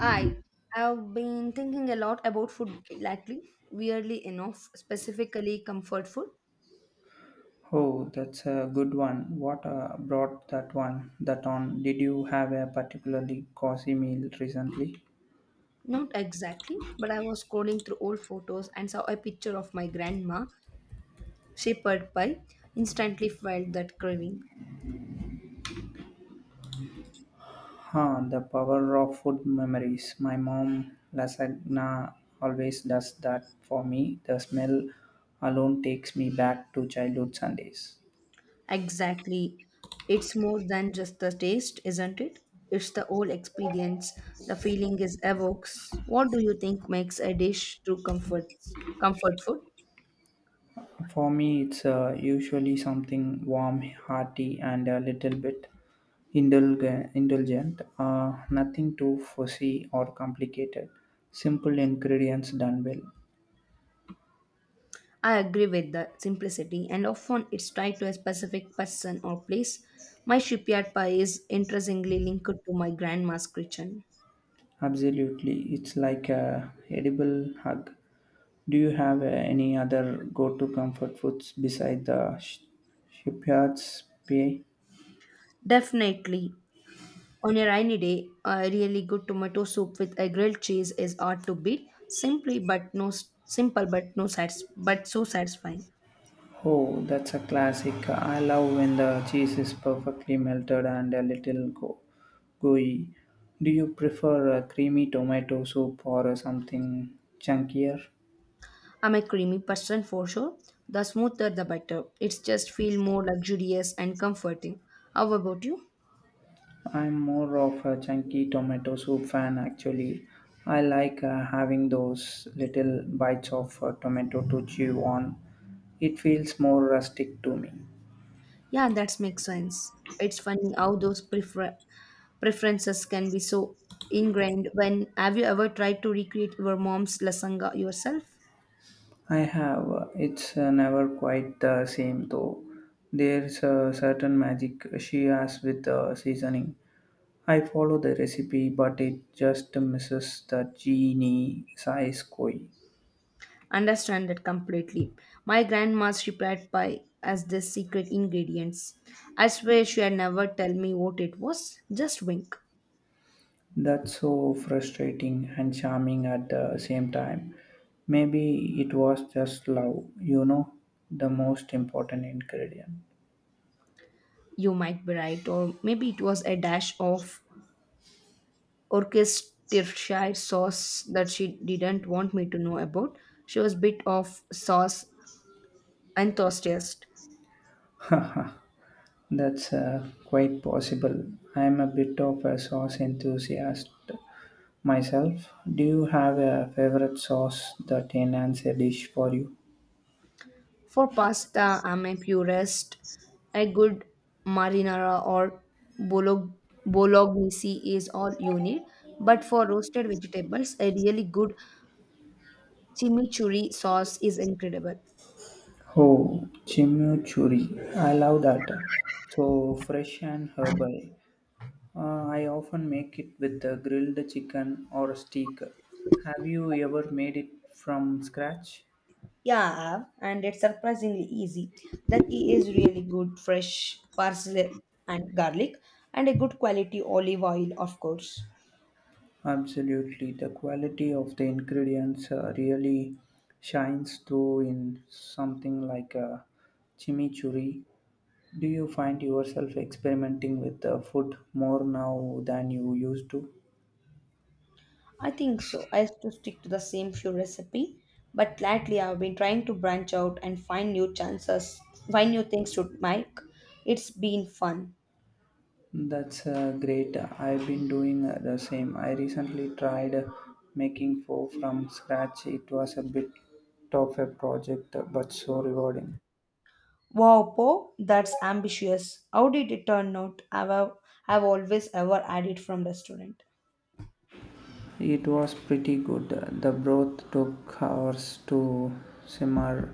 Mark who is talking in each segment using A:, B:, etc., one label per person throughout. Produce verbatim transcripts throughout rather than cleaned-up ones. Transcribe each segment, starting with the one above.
A: I have been thinking a lot about food lately, weirdly enough, specifically comfort food.
B: Oh, that's a good one. What uh, brought that one that on? Did you have a particularly cozy meal recently?
A: Not exactly, but I was scrolling through old photos and saw a picture of my grandma, shepherd pie, instantly felt that craving.
B: Huh, the power of food memories. My mom lasagna always does that for me. The smell alone takes me back to childhood Sundays.
A: Exactly. It's more than just the taste, isn't it? It's the whole experience, the feeling it evokes. What do you think makes a dish true comfort comfort food?
B: For me, it's uh, usually something warm, hearty, and a little bit indulge- indulgent. Uh, nothing too fussy or complicated. Simple ingredients done well.
A: I agree with the simplicity, and often it's tied to a specific person or place. My shipyard pie is interestingly linked to my grandma's kitchen.
B: Absolutely, it's like a edible hug. Do you have uh, any other go-to comfort foods besides the sh- shipyards pie?
A: Definitely, on a rainy day, a really good tomato soup with a grilled cheese is hard to beat. Simply, but no simple, but no sats, but so satisfying.
B: Oh, that's a classic. I love when the cheese is perfectly melted and a little go- gooey. Do you prefer a creamy tomato soup or uh, something chunkier?
A: I'm a creamy person for sure. The smoother, the better. It's just feel more luxurious and comforting. How about you?
B: I'm more of a chunky tomato soup fan actually. I like uh, having those little bites of uh, tomato to chew on. It feels more rustic to me.
A: Yeah, that makes sense. It's funny how those prefer- preferences can be so ingrained. When have you ever tried to recreate your mom's lasanga yourself?
B: I have. It's uh, never quite the same though. There's a certain magic she has with the seasoning. I follow the recipe, but it just misses the genie size koi.
A: Understand that completely. My grandma's she prepared pie as the secret ingredients. I swear she had never tell me what it was. Just wink.
B: That's so frustrating and charming at the same time. Maybe it was just love, you know, the most important ingredient.
A: You might be right, or maybe it was a dash of Worcestershire sauce that she didn't want me to know about. She was a bit of sauce enthusiast.
B: Haha, that's uh, quite possible. I'm a bit of a sauce enthusiast, myself. Do you have a favorite sauce that enhances a dish for you?
A: For pasta, I'm a purist. A good marinara or bolog- bolognese is all you need. But for roasted vegetables, a really good chimichurri sauce is incredible.
B: Oh, chimichurri. I love that. So fresh and herbal. Uh, I often make it with uh, grilled chicken or steak. Have you ever made it from scratch?
A: Yeah, and it's surprisingly easy. That is really good fresh parsley and garlic, and a good quality olive oil, of course.
B: Absolutely. The quality of the ingredients uh, really shines through in something like a chimichurri. Do you find yourself experimenting with the food more now than you used to?
A: I think so. I used to stick to the same few recipe, but lately I've been trying to branch out and find new chances, find new things to make. It's been fun.
B: That's uh, great. I've been doing uh, the same. I recently tried uh, making pho from scratch. It was a bit of a project, uh, but so rewarding.
A: Wow, Po, that's ambitious. How did it turn out? I've, I've always ever had it from restaurant.
B: It was pretty good. Uh, The broth took hours to simmer,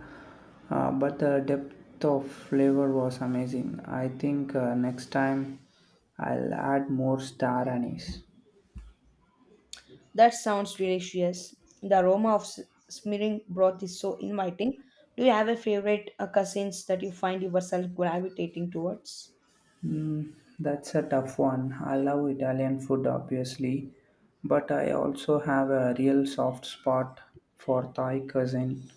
B: uh, but the depth of flavor was amazing. I think uh, next time I'll add more star anise.
A: That sounds delicious. The aroma of s- smearing broth is so inviting. Do you have a favorite uh, cuisines that you find yourself gravitating towards?
B: Mm, that's a tough one. I love Italian food, obviously, but I also have a real soft spot for Thai cuisine.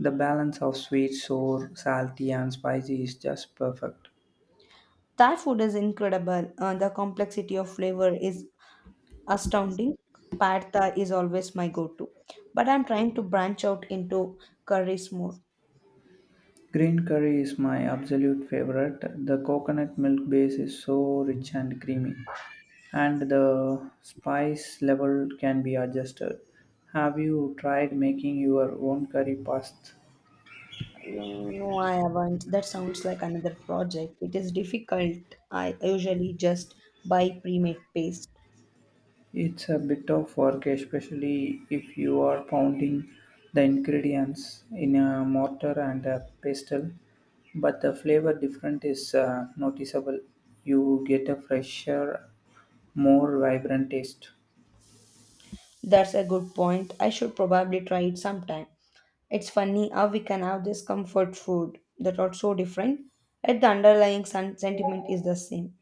B: The balance of sweet, sour, salty, and spicy is just perfect.
A: Thai food is incredible. Uh, the complexity of flavor is astounding. Pad is always my go-to, but I'm trying to branch out into curries more.
B: Green curry is my absolute favorite. The coconut milk base is so rich and creamy, and the spice level can be adjusted. Have you tried making your own curry paste?
A: No, no, I haven't. That sounds like another project. It is difficult. I usually just buy pre-made paste.
B: It's a bit of work, especially if you are pounding the ingredients in a mortar and a pestle, but the flavor difference is uh, noticeable. You get a fresher, more vibrant taste.
A: That's a good point. I should probably try it sometime. It's funny how we can have this comfort food that are so different, yet the underlying sen- sentiment is the same.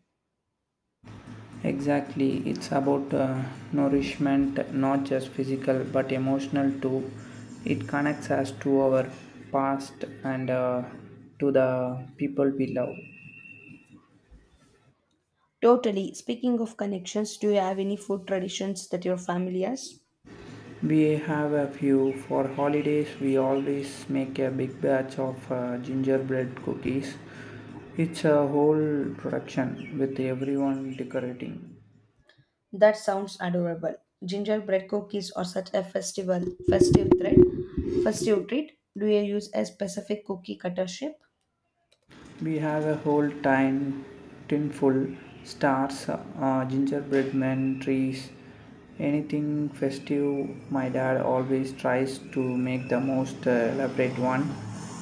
B: Exactly, it's about uh, nourishment, not just physical but emotional too. It connects us to our past and uh, to the people we love.
A: Totally. Speaking of connections, do you have any food traditions that your family has?
B: We have a few. For holidays, we always make a big batch of uh, gingerbread cookies. It's a whole production with everyone decorating.
A: That sounds adorable. Gingerbread cookies are such a festival festive treat. Festive treat. Do you use a specific cookie cutter shape?
B: We have a whole time tin full stars, uh, gingerbread men, trees, anything festive. My dad always tries to make the most uh, elaborate one,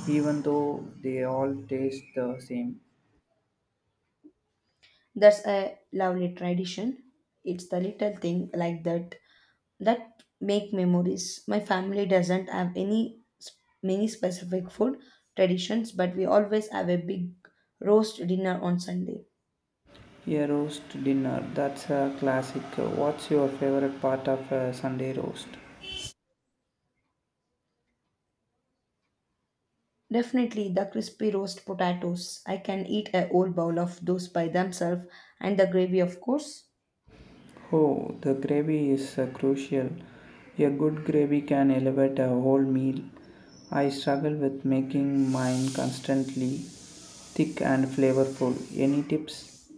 B: even though they all taste the same.
A: That's a lovely tradition. It's the little thing like that that make memories. My family doesn't have any s- many specific food traditions, but we always have a big roast dinner on Sunday.
B: A roast dinner, that's a classic. What's your favorite part of a Sunday roast?
A: Definitely the crispy roast potatoes. I can eat a whole bowl of those by themselves and the gravy of course.
B: Oh, the gravy is uh, crucial. A good gravy can elevate a whole meal. I struggle with making mine constantly thick and flavorful. Any tips?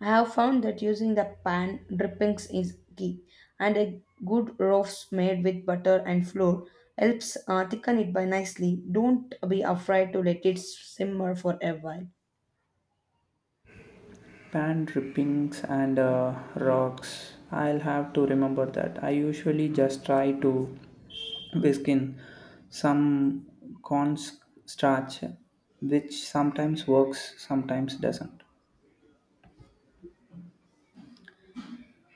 A: I have found that using the pan drippings is key, and a good loaf made with butter and flour helps uh, thicken it by nicely. Don't be afraid to let it simmer for a while.
B: Pan drippings and uh, rocks. I'll have to remember that. I usually just try to whisk in some cornstarch, which sometimes works, sometimes doesn't.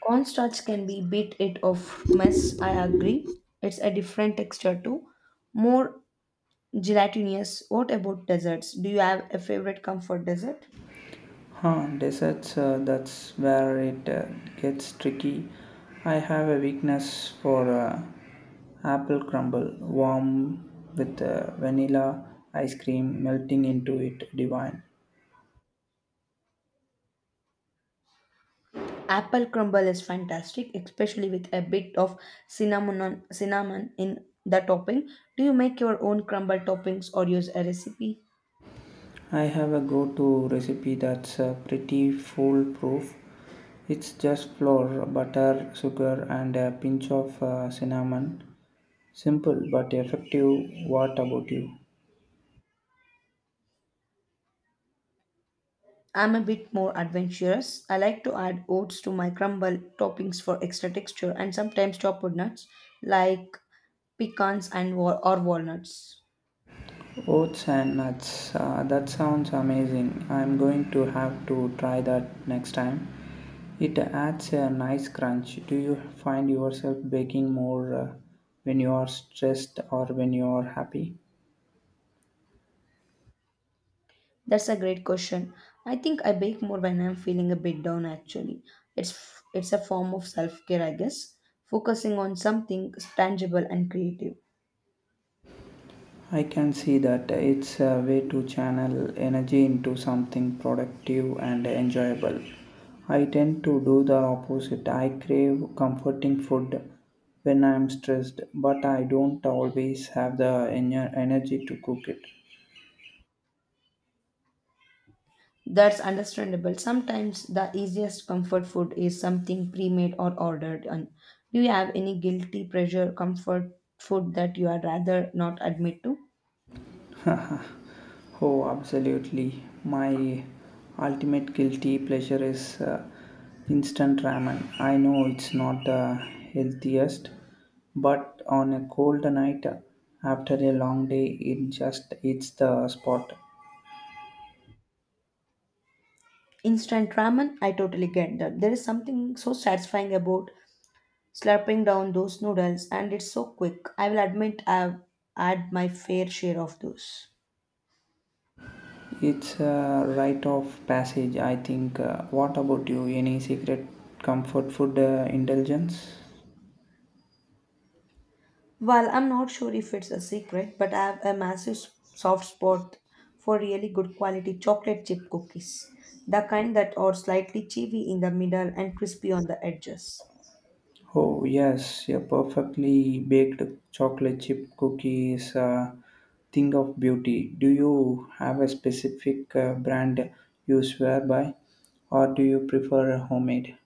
A: Cornstarch can be bit it of mess, I agree. It's a different texture too, more gelatinous. What about desserts? Do you have a favorite comfort dessert?
B: Huh, desserts, uh, that's where it uh, gets tricky. I have a weakness for uh, apple crumble, warm with uh, vanilla ice cream melting into it, divine.
A: Apple crumble is fantastic, especially with a bit of cinnamon on, cinnamon in the topping. Do you make your own crumble toppings or use a recipe?
B: I have a go to recipe that's uh, pretty foolproof. It's just flour, butter, sugar, and a pinch of uh, cinnamon. Simple but effective. What about you?
A: I'm a bit more adventurous. I like to add oats to my crumble toppings for extra texture and sometimes chopped nuts like pecans and wa- or walnuts.
B: Oats and nuts. Uh, that sounds amazing. I'm going to have to try that next time. It adds a nice crunch. Do you find yourself baking more uh, when you are stressed or when you are happy?
A: That's a great question. I think I bake more when I'm feeling a bit down actually. It's f- it's a form of self-care, I guess, focusing on something tangible and creative.
B: I can see that it's a way to channel energy into something productive and enjoyable. I tend to do the opposite. I crave comforting food when I'm stressed, but I don't always have the ener- energy to cook it.
A: That's understandable. Sometimes the easiest comfort food is something pre-made or ordered on. Do you have any guilty pleasure comfort food that you are rather not admit to?
B: Oh, absolutely. My ultimate guilty pleasure is uh, instant ramen. I know it's not the healthiest, but on a cold night uh, after a long day, it just hits the spot.
A: Instant ramen, I totally get that. There is something so satisfying about slurping down those noodles and it's so quick. I will admit I've had my fair share of those.
B: It's a rite of passage, I think. Uh, what about you? Any secret comfort food uh, indulgence?
A: Well, I'm not sure if it's a secret, but I have a massive s- soft spot for really good quality chocolate chip cookies. The kind that are slightly chewy in the middle and crispy on the edges.
B: Oh, yes, a perfectly baked chocolate chip cookie is a thing of beauty. Do you have a specific uh, brand you swear by, or do you prefer homemade?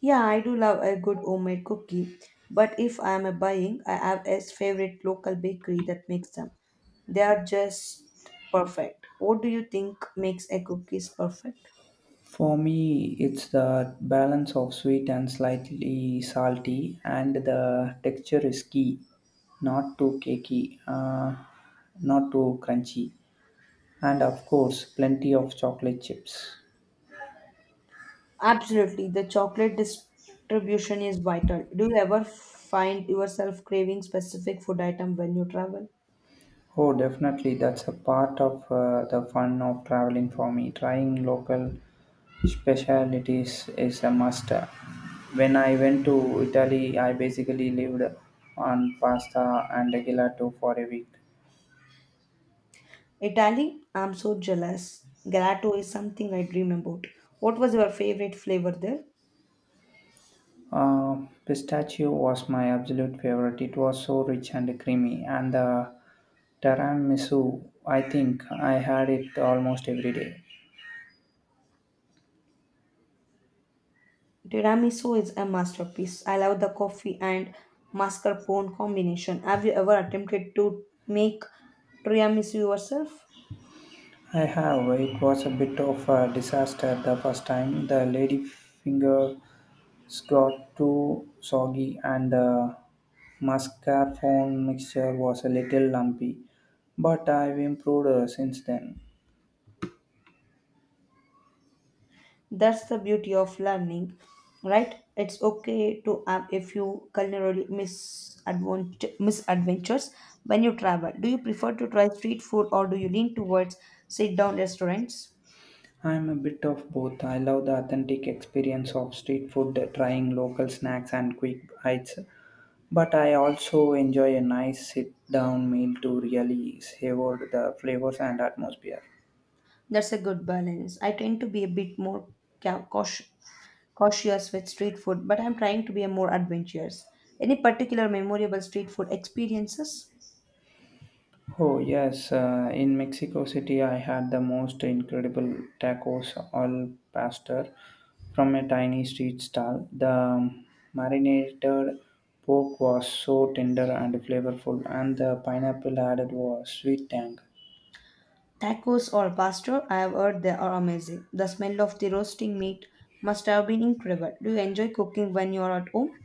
A: Yeah, I do love a good homemade cookie, but if I am a buying, I have a favorite local bakery that makes them. They are just perfect. What do you think makes a cookies perfect?
B: For me, it's the balance of sweet and slightly salty, and the texture is key, not too cakey, uh, not too crunchy, and of course, plenty of chocolate chips.
A: Absolutely, the chocolate distribution is vital. Do you ever find yourself craving specific food item when you travel?
B: Oh, definitely. That's a part of uh, the fun of traveling for me. Trying local specialities is a must. When I went to Italy, I basically lived on pasta and gelato for a week.
A: Italy, I'm so jealous. Gelato is something I dream about. What was your favorite flavor there?
B: Uh, Pistachio was my absolute favorite. It was so rich and creamy, and the tiramisu, I think I had it almost every day.
A: Tiramisu is a masterpiece. I love the coffee and mascarpone combination. Have you ever attempted to make tiramisu yourself?
B: I have. It was a bit of a disaster the first time. The lady fingers got too soggy, and the mascarpone mixture was a little lumpy. But I've improved uh, since then.
A: That's the beauty of learning, right? It's okay to have a few culinary misadvent- misadventures when you travel. Do you prefer to try street food or do you lean towards sit down restaurants?
B: I'm a bit of both. I love the authentic experience of street food, trying local snacks and quick bites. But I also enjoy a nice sit down meal to really savor the flavors and atmosphere.
A: That's a good balance. I tend to be a bit more ca- cautious, cautious with street food, but I'm trying to be a more adventurous. Any particular memorable street food experiences?
B: Oh, yes, uh, in Mexico City, I had the most incredible tacos al pastor from a tiny street stall. The marinated pork was so tender and flavorful, and the pineapple added was sweet tang.
A: Tacos or pastor, I have heard they are amazing. The smell of the roasting meat must have been incredible. Do you enjoy cooking when you are at home?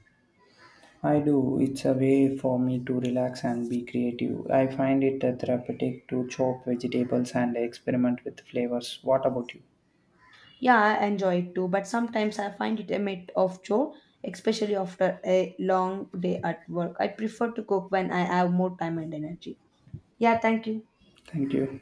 B: I do, it's a way for me to relax and be creative. I find it therapeutic to chop vegetables and experiment with flavors. What about you?
A: Yeah, I enjoy it too, but sometimes I find it a bit of chore, especially after a long day at work. I prefer to cook when I have more time and energy. Yeah, thank you.
B: Thank you.